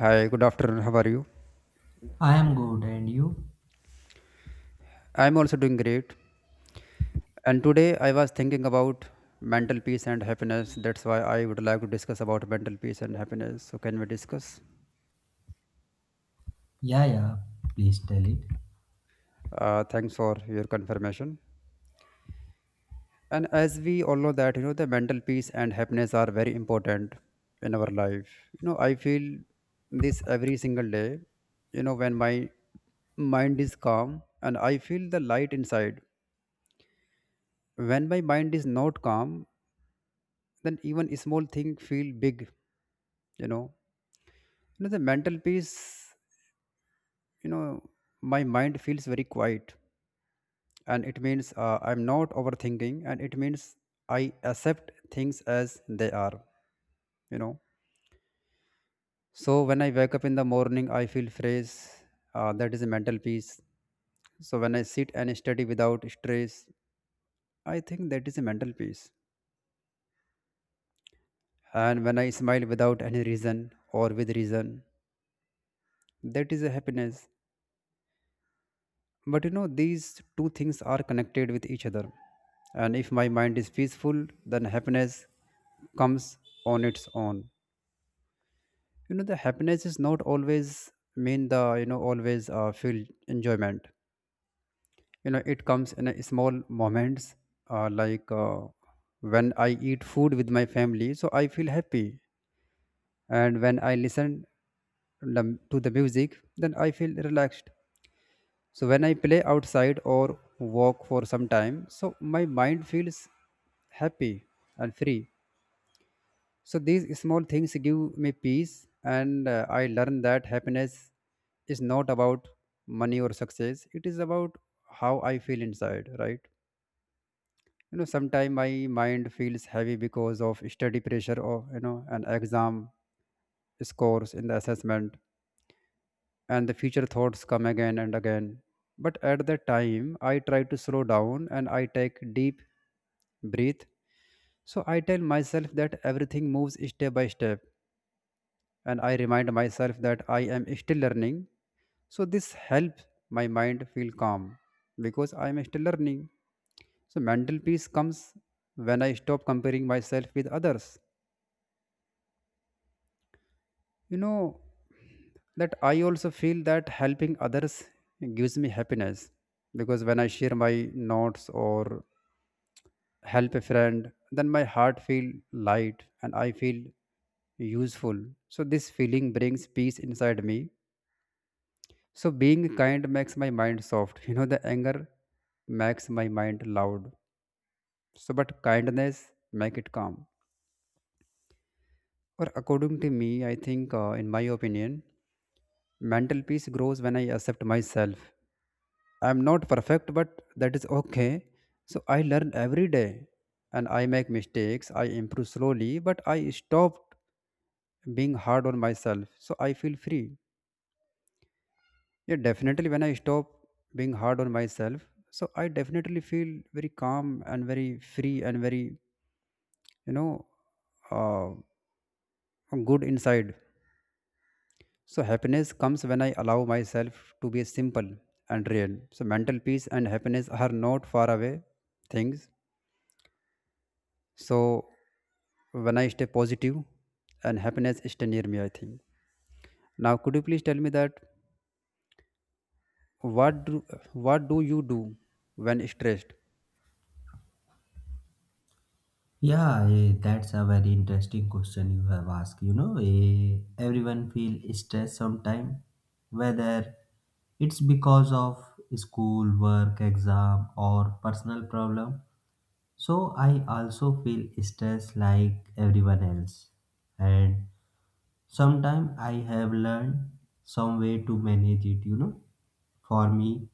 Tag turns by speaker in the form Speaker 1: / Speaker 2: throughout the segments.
Speaker 1: Hi, good afternoon. How are you?
Speaker 2: I am good, and you?
Speaker 1: I'm also doing great. And today I was thinking about mental peace and happiness. That's why I would like to discuss about mental peace and happiness. So can we discuss?
Speaker 2: Yeah, Please tell it.
Speaker 1: Thanks for your confirmation. And as we all know that you know the mental peace and happiness are very important in our life. You know I feel this every single day. You know when my mind is calm and I feel the light inside. When my mind is not calm, then even small thing feel big you know the mental peace you know my mind feels very quiet and it means I'm not overthinking, and it means I accept things as they are. you know so when I wake up in the morning I feel fresh. That is a mental peace. So when I sit and study without stress, I think that is a mental peace. And when I smile without any reason or with reason, that is a happiness. But you know, these two things are connected with each other. And if my mind is peaceful, then happiness comes on its own. You know, the happiness is not always mean always feel enjoyment. You know, it comes in a small moments, like when I eat food with my family, so I feel happy. And when I listen to the music, then I feel relaxed. So when I play outside or walk for some time, so my mind feels happy and free. So these small things give me peace, and I learn that happiness is not about money or success. It is about how I feel inside, right? You know, sometimes my mind feels heavy because of study pressure or you know an exam scores in the assessment, and the future thoughts come again and again. But at that time, I try to slow down and I take deep breath. So I tell myself that everything moves step by step, and I remind myself that I am still learning. So this helps my mind feel calm because I am still learning. So mental peace comes when I stop comparing myself with others. you know that I also feel that helping others gives me happiness, because when I share my notes or help a friend, then my heart feel light and I feel useful. So this feeling brings peace inside me. So being kind makes my mind soft. You know, the anger makes my mind loud, so but kindness make it calm. Or according to me, I think, in my opinion, mental peace grows when I accept myself. I'm not perfect, but that is okay. So I learn every day, and I make mistakes. I improve slowly, but I stopped being hard on myself. So I feel free. Yeah, definitely when I stop being hard on myself, so I definitely feel very calm and very free and very, you know, uh, good inside. So happiness comes when I allow myself to be simple and real. So mental peace and happiness are not far away things. So when I stay positive and happiness stay near me, I think. Now, could you please tell me that what do, what do you do when stressed?
Speaker 2: Yeah, that's a very interesting question you have asked. You know, everyone feel stress sometime, whether it's because of school, work, exam, or personal problem. So I also feel stress like everyone else, and sometimes I have learned some way to manage it. You know, for me,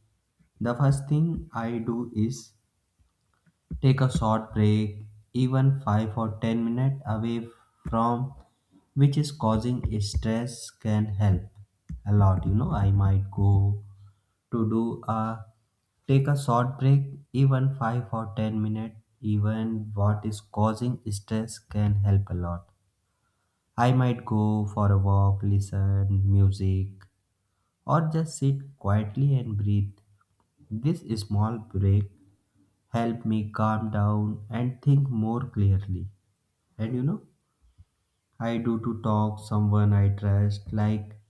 Speaker 2: the first thing I do is take a short break. Even 5 or 10 minutes away from which is causing stress can help a lot. You know, I might go to do a take a short break, even 5 or 10 minutes, even what is causing stress can help a lot. I might go for a walk, listen music, or just sit quietly and breathe. This small break help me calm down and think more clearly. And you know, I do to talk someone I trust, like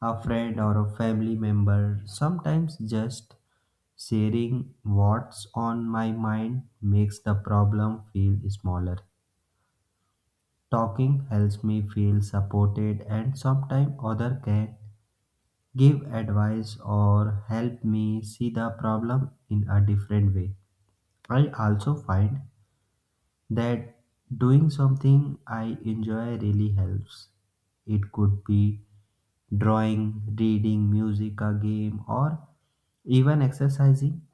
Speaker 2: a friend or a family member. Sometimes just sharing what's on my mind makes the problem feel smaller. Talking helps me feel supported, and sometimes other can give advice or help me see the problem in a different way. I also find that doing something I enjoy really helps. It could be drawing, reading, music, a game, or even exercising.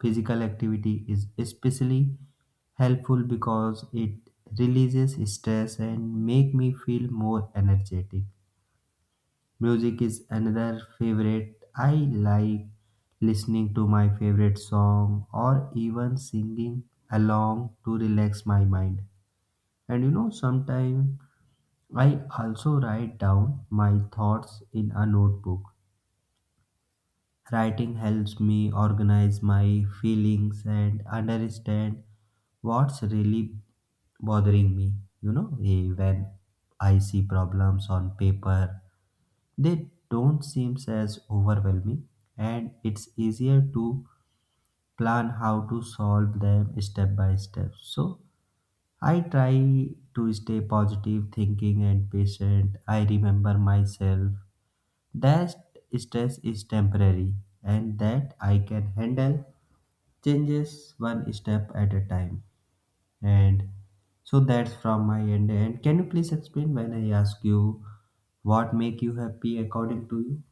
Speaker 2: Physical activity is especially helpful because it releases stress and make me feel more energetic. Music is another favorite. I like listening to my favorite song or even singing along to relax my mind. And you know, sometimes I also write down my thoughts in a notebook. Writing helps me organize my feelings and understand what's really bothering me. You know, when I see problems on paper, they don't seem as overwhelming, and it's easier to plan how to solve them step by step. So I try to stay positive thinking and patient. I remember myself that stress is temporary and that I can handle changes one step at a time. And so that's from my end. And can you please explain when I ask you what make you happy according to you?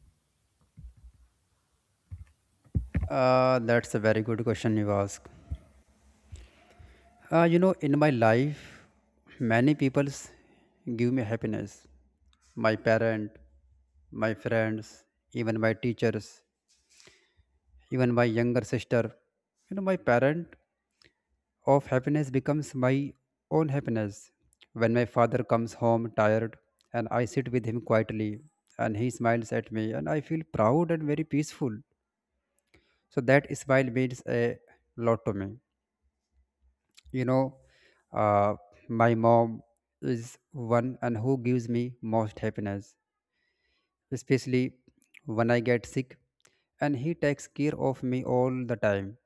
Speaker 1: That's a very good question you ask. You know, in my life, many people give me happiness. My parent, my friends, even my teachers, even my younger sister. You know, my parent of happiness becomes my own happiness. When my father comes home tired and I sit with him quietly and he smiles at me, and I feel proud and very peaceful. So that smile means a lot to me. You know, uh, my mom is one and who gives me most happiness, especially when I get sick and he takes care of me all the time,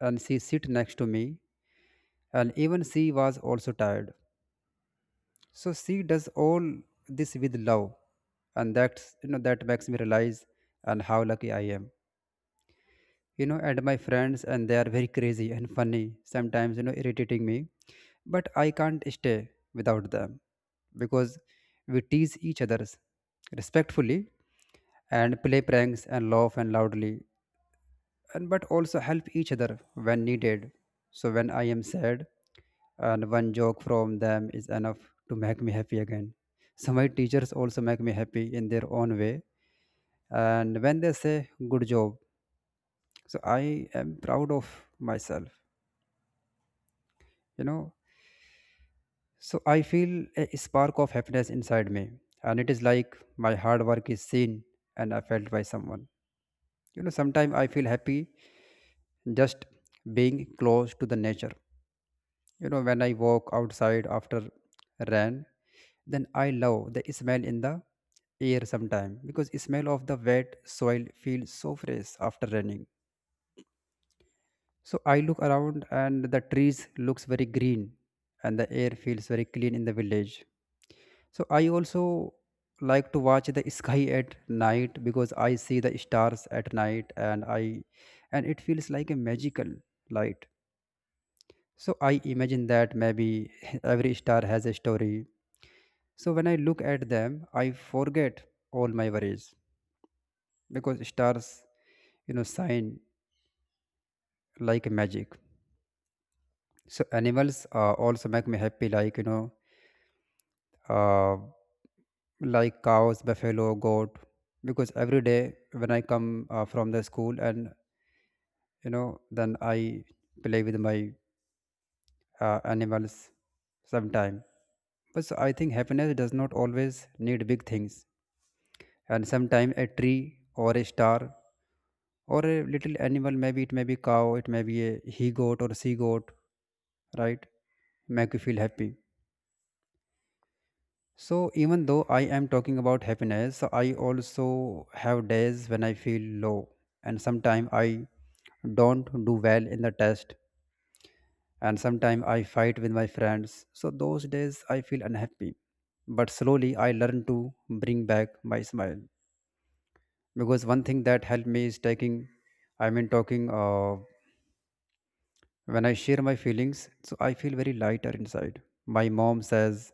Speaker 1: and she sit next to me, and even she was also tired, so she does all this with love. And that's, you know, that makes me realize and how lucky I am. You know, and my friends, and they are very crazy and funny, sometimes you know irritating me, but I can't stay without them, because we tease each others respectfully and play pranks and laugh and loudly, and but also help each other when needed. So when I am sad, and one joke from them is enough to make me happy again. So my teachers also make me happy in their own way, and when they say good job, so I am proud of myself. You know, so I feel a spark of happiness inside me, and it is like my hard work is seen and I felt by someone. You know, sometimes I feel happy just being close to the nature. You know, when I walk outside after rain, then I love the smell in the air sometime, because smell of the wet soil feels so fresh after raining. So I look around and the trees looks very green, and the air feels very clean in the village. So I also like to watch the sky at night, because I see the stars at night, and I and it feels like a magical light. So I imagine that maybe every star has a story. So when I look at them, I forget all my worries, because stars, you know, shine like magic. So animals also make me happy, like uh, like cows, buffalo, goat. Because every day when I come from the school, and you know, then I play with my animals sometime. But so I think happiness does not always need big things, and sometimes a tree or a star or a little animal, maybe it may be cow, it may be a he goat or she goat, right, make you feel happy. So even though I am talking about happiness, so I also have days when I feel low, and sometimes I don't do well in the test, and sometimes I fight with my friends. So those days I feel unhappy, but slowly I learn to bring back my smile, because one thing that helped me is taking I mean talking. When I share my feelings, so I feel very lighter inside. My mom says,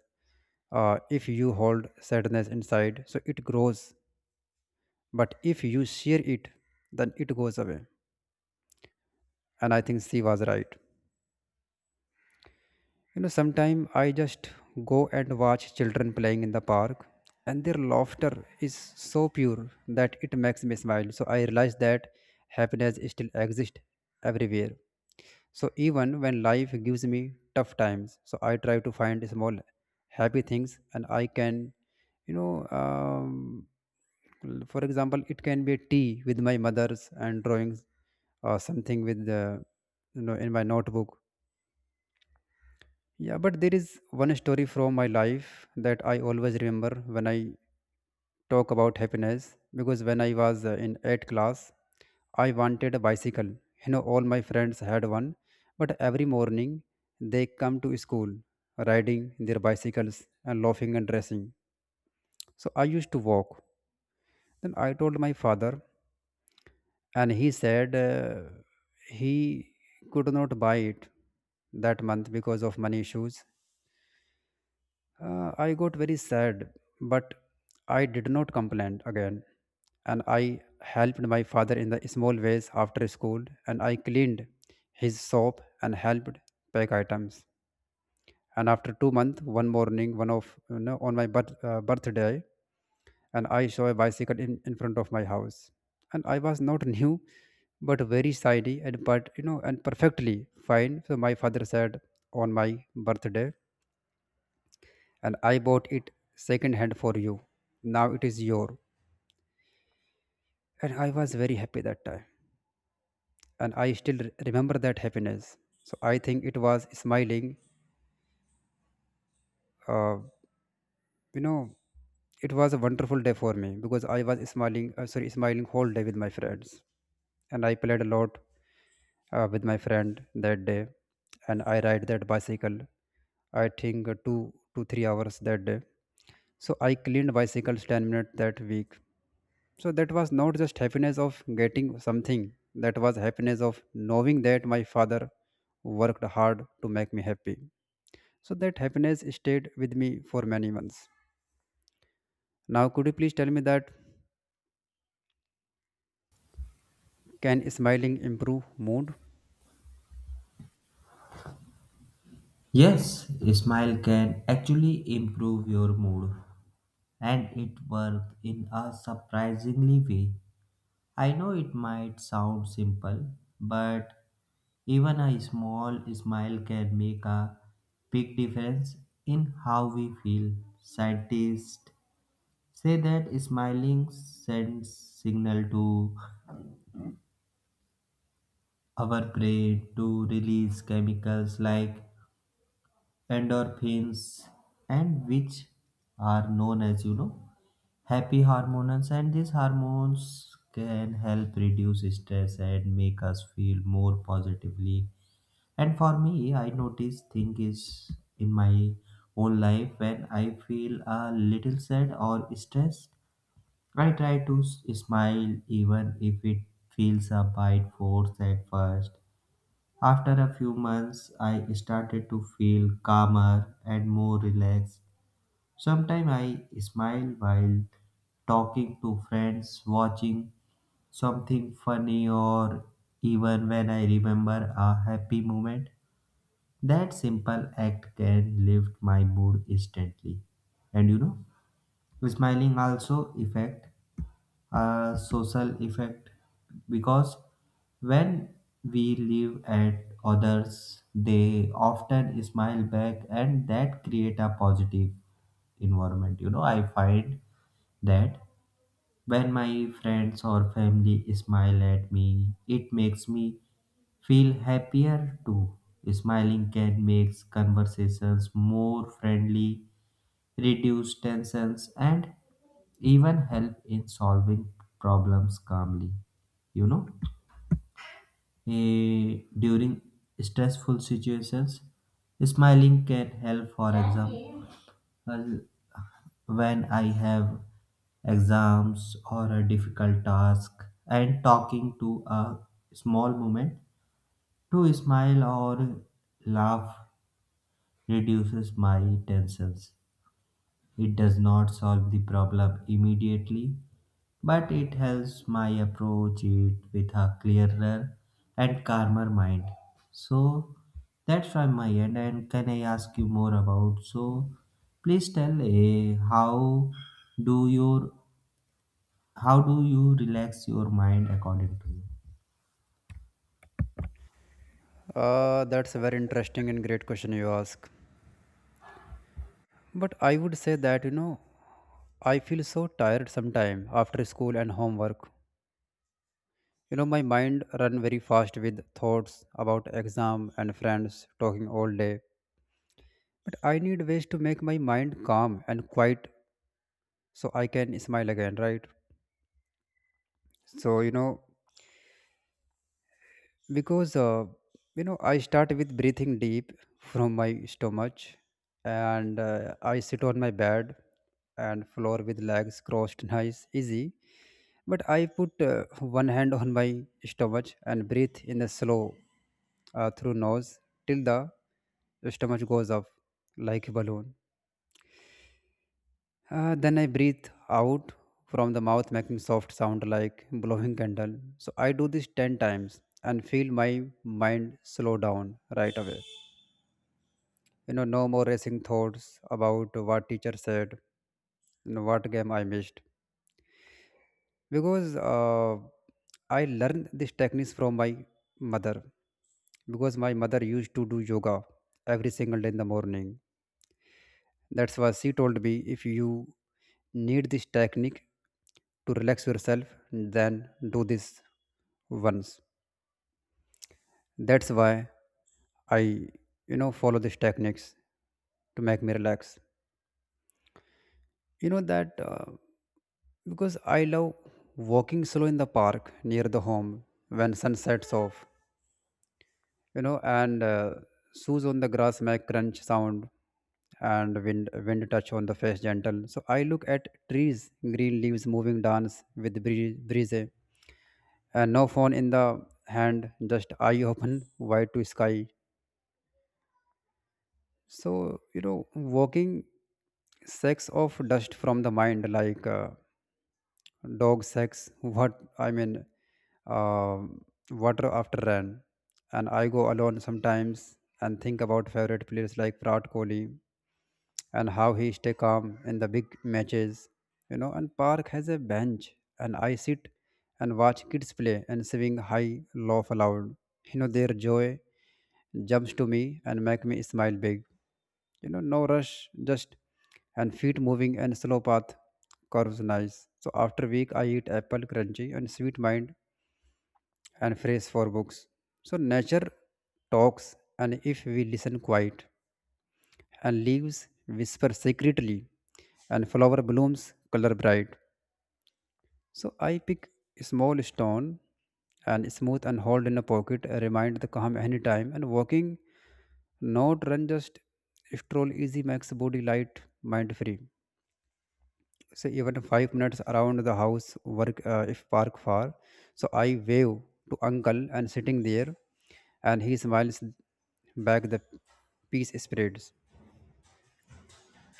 Speaker 1: if you hold sadness inside, so it grows. But if you share it, then it goes away. And I think she was right. You know, sometimes I just go and watch children playing in the park, and their laughter is so pure that it makes me smile. So I realize that happiness still exists everywhere. So even when life gives me tough times, so I try to find small happy things, and I can, you know, um, for example, it can be tea with my mother's and drawings, or something with in my notebook. Yeah, but there is one story from my life that I always remember when I talk about happiness, because when I was in 8th class, I wanted a bicycle. You know, all my friends had one, but every morning they come to school riding their bicycles and laughing and dressing. So I used to walk. Then I told my father, and he said he could not buy it that month because of money issues. I got very sad, but I did not complain again. And I helped my father in the small ways after school, and I cleaned his shop and helped pack items. And after 2 months, one morning, one of you know, on my birthday, and I saw a bicycle in front of my house, and I was not new, but very shiny and but you know and perfectly fine. So my father said on my birthday and I bought it second hand for you. Now it is your. And I was very happy that time. And I still remember that happiness. So I think it was smiling. Uh, you know, it was a wonderful day for me because I was smiling whole day with my friends. And I played a lot with my friend that day. And I ride that bicycle, I think 2 to 3 hours that day. So I cleaned bicycles 10 minutes that week, so that was not just happiness of getting something. That was happiness of knowing that my father worked hard to make me happy, so that happiness stayed with me for many months. Now, could you please tell me that, can smiling improve mood?
Speaker 2: Yes, a smile can actually improve your mood, and it works in a surprisingly way. I know it might sound simple, but even a small smile can make a big difference in how we feel. Scientists say that smiling sends signal to our brain to release chemicals like endorphins, and which are known as, you know, happy hormones, and these hormones can help reduce stress and make us feel more positively. And for me, I notice thing is, in my own life, when I feel a little sad or stressed, I try to smile, even if it feels a bit forced at first. After a few months, I started to feel calmer and more relaxed. Sometimes I smile while talking to friends, watching something funny, or even when I remember a happy moment. That simple act can lift my mood instantly. And you know, smiling also effect a social effect, because when we live at others, they often smile back, and that create a positive environment. You know, I find that when my friends or family smile at me, it makes me feel happier too. Smiling can make conversations more friendly, reduce tensions, and even help in solving problems calmly. You know, during stressful situations, smiling can help, for example. Well, when I have exams or a difficult task, and talking to a small moment to smile or laugh reduces my tensions. It does not solve the problem immediately, but it helps my approach it with a clearer and calmer mind. So that's from my end. And can I ask you more about? So please tell a do your how do you relax your mind according to you?
Speaker 1: That's a very interesting and great question you ask, but I would say that, you know, I feel so tired sometime after school and homework. You know, my mind run very fast with thoughts about exam and friends talking all day. But I need ways to make my mind calm and quiet so I can smile again, right? So, you know, because, you know, I start with breathing deep from my stomach, and I sit on my bed and floor with legs crossed, nice, easy. But I put one hand on my stomach and breathe in a slow through nose till the stomach goes up like a balloon. Then I breathe out from the mouth, making soft sound like blowing candle. So I do this 10 times and feel my mind slow down right away. You know, no more racing thoughts about what teacher said, you know, what game I missed. Because I learned these techniques from my mother. Because my mother used to do yoga every single day in the morning. That's why she told me, if you need this technique to relax yourself, then do this once. That's why I, you know, follow these techniques to make me relax. You know that, because I love walking slow in the park near the home when sun sets off. You know, and shoes on the grass make crunch sound, and wind touch on the face gentle. So I look at trees, green leaves moving dance with breeze, and no phone in the hand, just eye open wide to sky. So, you know, walking shakes off dust from the mind like, dog sex, what I mean, uh, water after rain. And I go alone sometimes and think about favorite players like Virat Kohli and how he stay calm in the big matches. You know, and park has a bench, and I sit and watch kids play and sing high, laugh aloud. You know, their joy jumps to me and make me smile big. You know, no rush, just, and feet moving and slow path curves nice. So after week I eat apple crunchy and sweet mind and phrase for books. So nature talks, and if we listen quiet, and leaves whisper secretly, and flower blooms color bright. So I pick a small stone and smooth and hold in a pocket, a remind the calm anytime, and walking, not run just stroll easy makes body light, mind free. So even 5 minutes around the house work, if park far. So I wave to uncle and sitting there, and he smiles back. The peace spreads,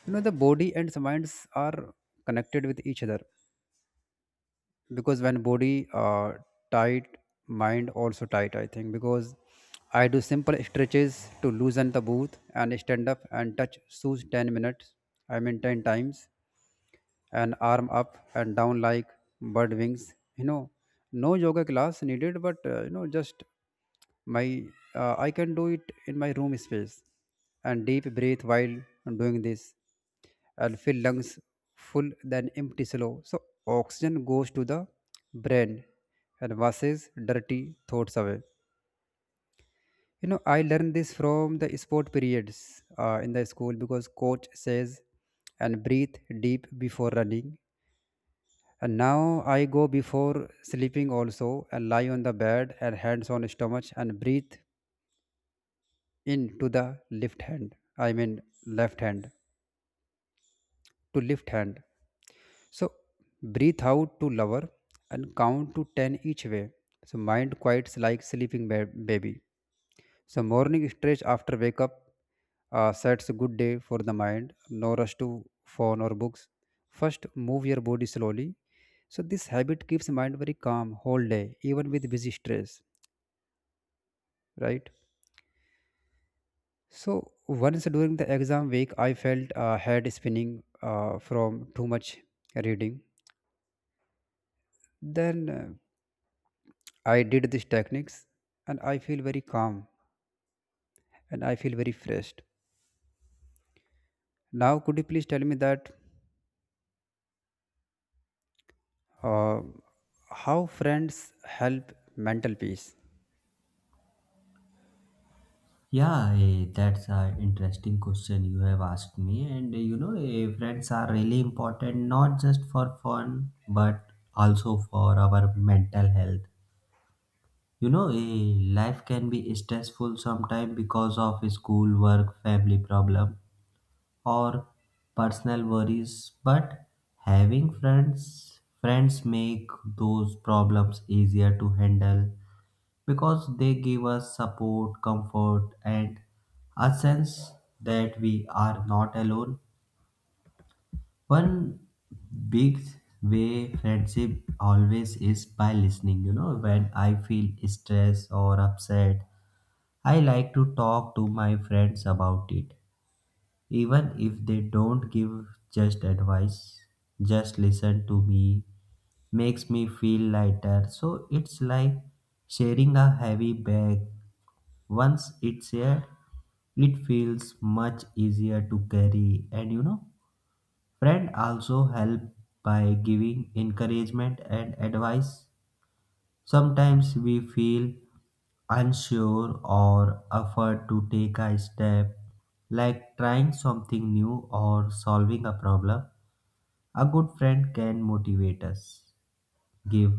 Speaker 1: you know. The body and the minds are connected with each other, because when body tight, mind also tight, I think. Because I do simple stretches to loosen the booth and stand up and touch shoes 10 minutes, I mean 10 times, and arm up and down like bird wings. You know, no yoga class needed, but you know, just my I can do it in my room space, and deep breathe while doing this and fill lungs full then empty slow. So oxygen goes to the brain and washes dirty thoughts away. You know, I learned this from the sport periods in the school because coach says, and breathe deep before running. And now I go before sleeping also and lie on the bed and hands on stomach and breathe in to the left hand. I mean left hand to left hand. So breathe out to lower and count to 10 each way. So mind quiets like sleeping baby. So morning stretch after wake up sets a good day for the mind. No rush to phone or books. First, move your body slowly. So this habit keeps mind very calm whole day, even with busy stress, right? So once during the exam week, I felt head spinning from too much reading. Then I did these techniques, and I feel very calm and I feel very fresh. Now, could you please tell me that, Uh, how friends help mental peace?
Speaker 2: Yeah, that's an interesting question you have asked me. And you know, friends are really important, not just for fun but also for our mental health. You know, life can be stressful sometimes because of school, work, family problem, or personal worries. But friends make those problems easier to handle because they give us support, comfort, and a sense that we are not alone. One big way friendship always is by listening. You know, when I feel stressed or upset, I like to talk to my friends about it. Even if they don't give just advice, just listen to me makes me feel lighter. So it's like sharing a heavy bag. Once it's here, it feels much easier to carry. And you know, friend also help by giving encouragement and advice. Sometimes we feel unsure or afraid to take a step, like trying something new or solving a problem. A good friend can motivate us, give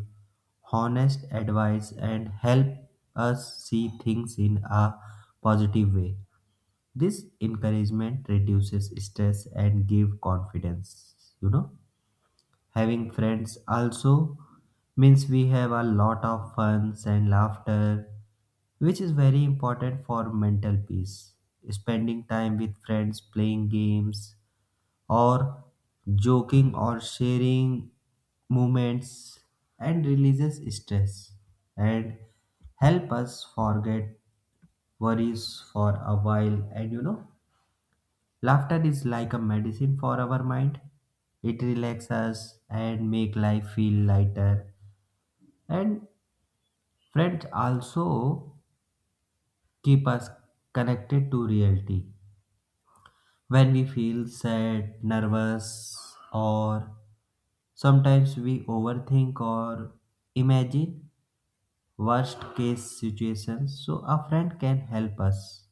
Speaker 2: honest advice, and help us see things in a positive way. This encouragement reduces stress and give confidence. You know, having friends also means we have a lot of funs and laughter, which is very important for mental peace. Spending time with friends, playing games, or joking, or sharing moments, and releases stress and help us forget worries for a while. And you know, laughter is like a medicine for our mind. It relaxes us and make life feel lighter. And friends also keep us connected to reality. When we feel sad, nervous, or sometimes we overthink or imagine worst case situations, so a friend can help us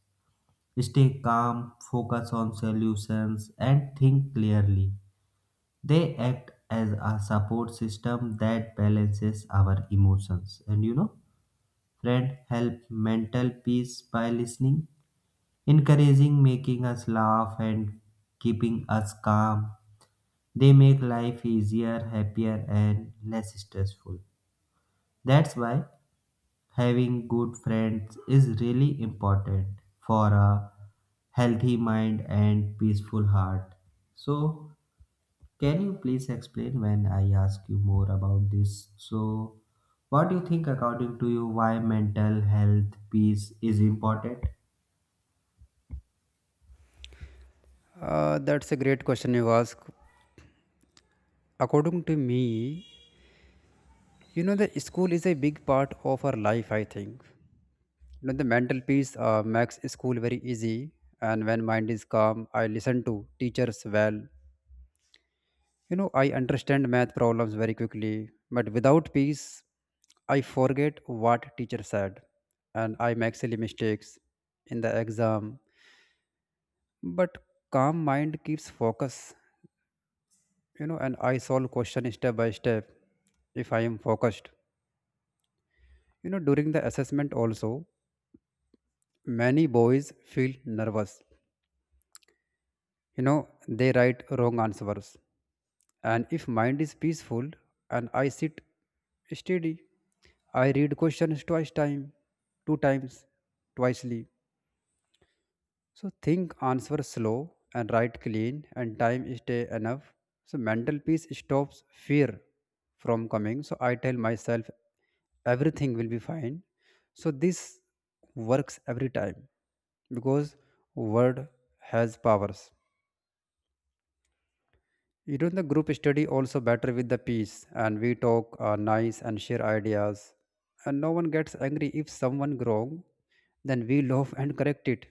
Speaker 2: stay calm, focus on solutions, and think clearly. They act as a support system that balances our emotions. And you know, friend help mental peace by listening, encouraging, making us laugh, and keeping us calm. They make life easier, happier, and less stressful. That's why having good friends is really important for a healthy mind and peaceful heart. So can you please explain when I ask you more about this? So what do you think according to you why mental health peace is important?
Speaker 1: That's a great question you ask. According to me, you know, the school is a big part of our life, I think. You know, the mental peace makes school very easy. And when mind is calm, I listen to teachers well. You know, I understand math problems very quickly. But without peace, I forget what teacher said. And I make silly mistakes in the exam. But calm mind keeps focus, you know, and I solve question step by step if I am focused. You know, during the assessment also, many boys feel nervous, you know, they write wrong answers. And if mind is peaceful and I sit steady, I read questions twice time, two times, twicely. So think answer slow and write clean and time stay enough. So mental peace stops fear from coming. So I tell myself everything will be fine. So this works every time because word has powers. You know, the group study also better with the peace, and we talk nice and share ideas, and no one gets angry if someone wrong. Then we love and correct it.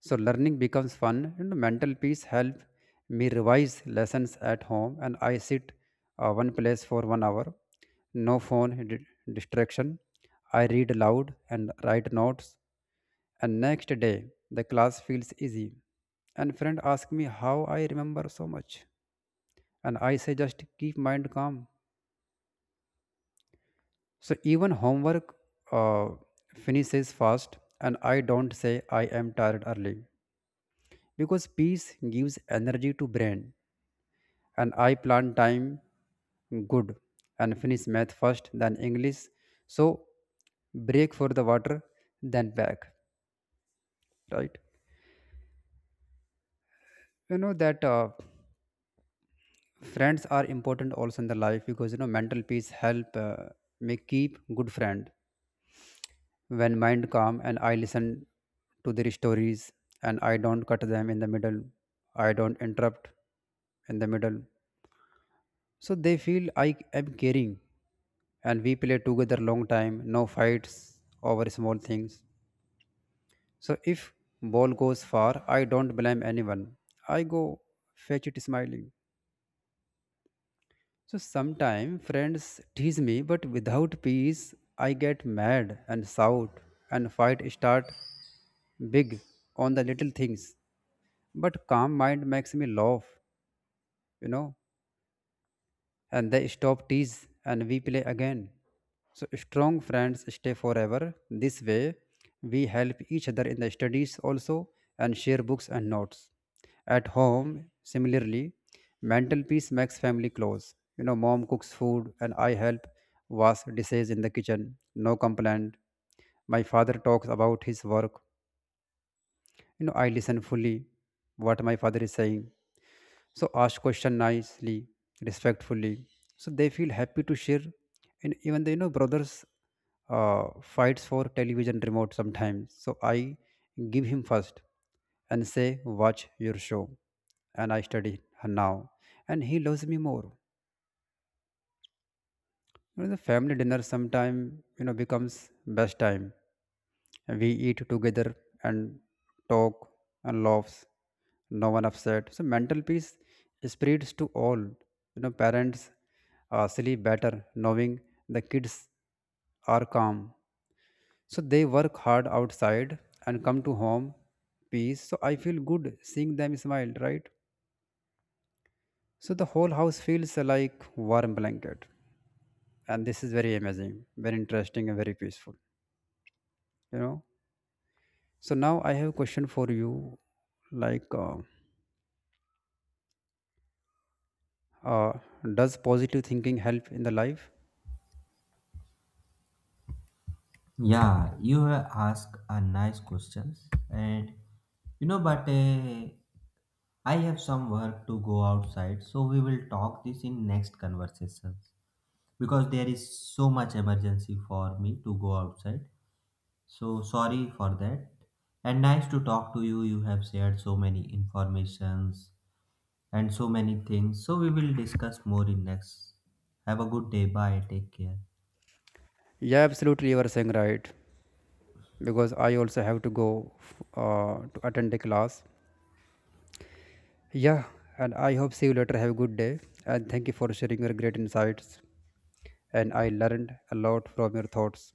Speaker 1: So learning becomes fun, and mental peace help me revise lessons at home, and I sit one place for 1 hour, no phone distraction. I read aloud and write notes, and next day the class feels easy. And friend ask me how I remember so much, and I say just keep mind calm. So even homework uh, finishes fast, and I don't say I am tired early because peace gives energy to brain, and I plan time good and finish math first, then English. So break for the water, then back. Right? You know that, friends are important also in the life because, you know, mental peace help me keep good friend when mind calm, and I listen to their stories, and I don't cut them in the middle. I don't interrupt in the middle. So they feel I am caring, and we play together long time, no fights over small things. So if ball goes far, I don't blame anyone. I go fetch it smiling. So sometimes friends tease me, but without peace, I get mad and shout and fight start big on the little things. But calm mind makes me laugh, you know. And they stop tease and we play again. So strong friends stay forever. This way we help each other in the studies also and share books and notes. At home, similarly, mental peace makes family close. You know, mom cooks food and I help wash dishes in the kitchen. No complaint. My father talks about his work. You know, I listen fully what my father is saying, so ask question nicely, respectfully, so they feel happy to share. And even the, you know, brothers fights for television remote sometimes, so I give him first and say watch your show, and I study her now, and he loves me more. You know, the family dinner sometime, you know, becomes best time. We eat together and talk and laughs. No one upset. So mental peace spreads to all. You know, parents sleep better knowing the kids are calm. So they work hard outside and come to home peace. So I feel good seeing them smile, right? So the whole house feels like warm blanket. And this is very amazing, very interesting and very peaceful. You know. So now I have a question for you, like uh, does positive thinking help in the life?
Speaker 2: Yeah, you have asked a nice questions. And you know, but I have some work to go outside, so we will talk this in next conversations, because there is so much emergency for me to go outside. So sorry for that. And nice to talk to you. You have shared so many informations and so many things. So we will discuss more in next. Have a good day. Bye. Take care.
Speaker 1: Yeah, absolutely, you are saying right, because I also have to go to attend a class, yeah. And I hope see you later. Have a good day. And thank you for sharing your great insights, and I learned a lot from your thoughts.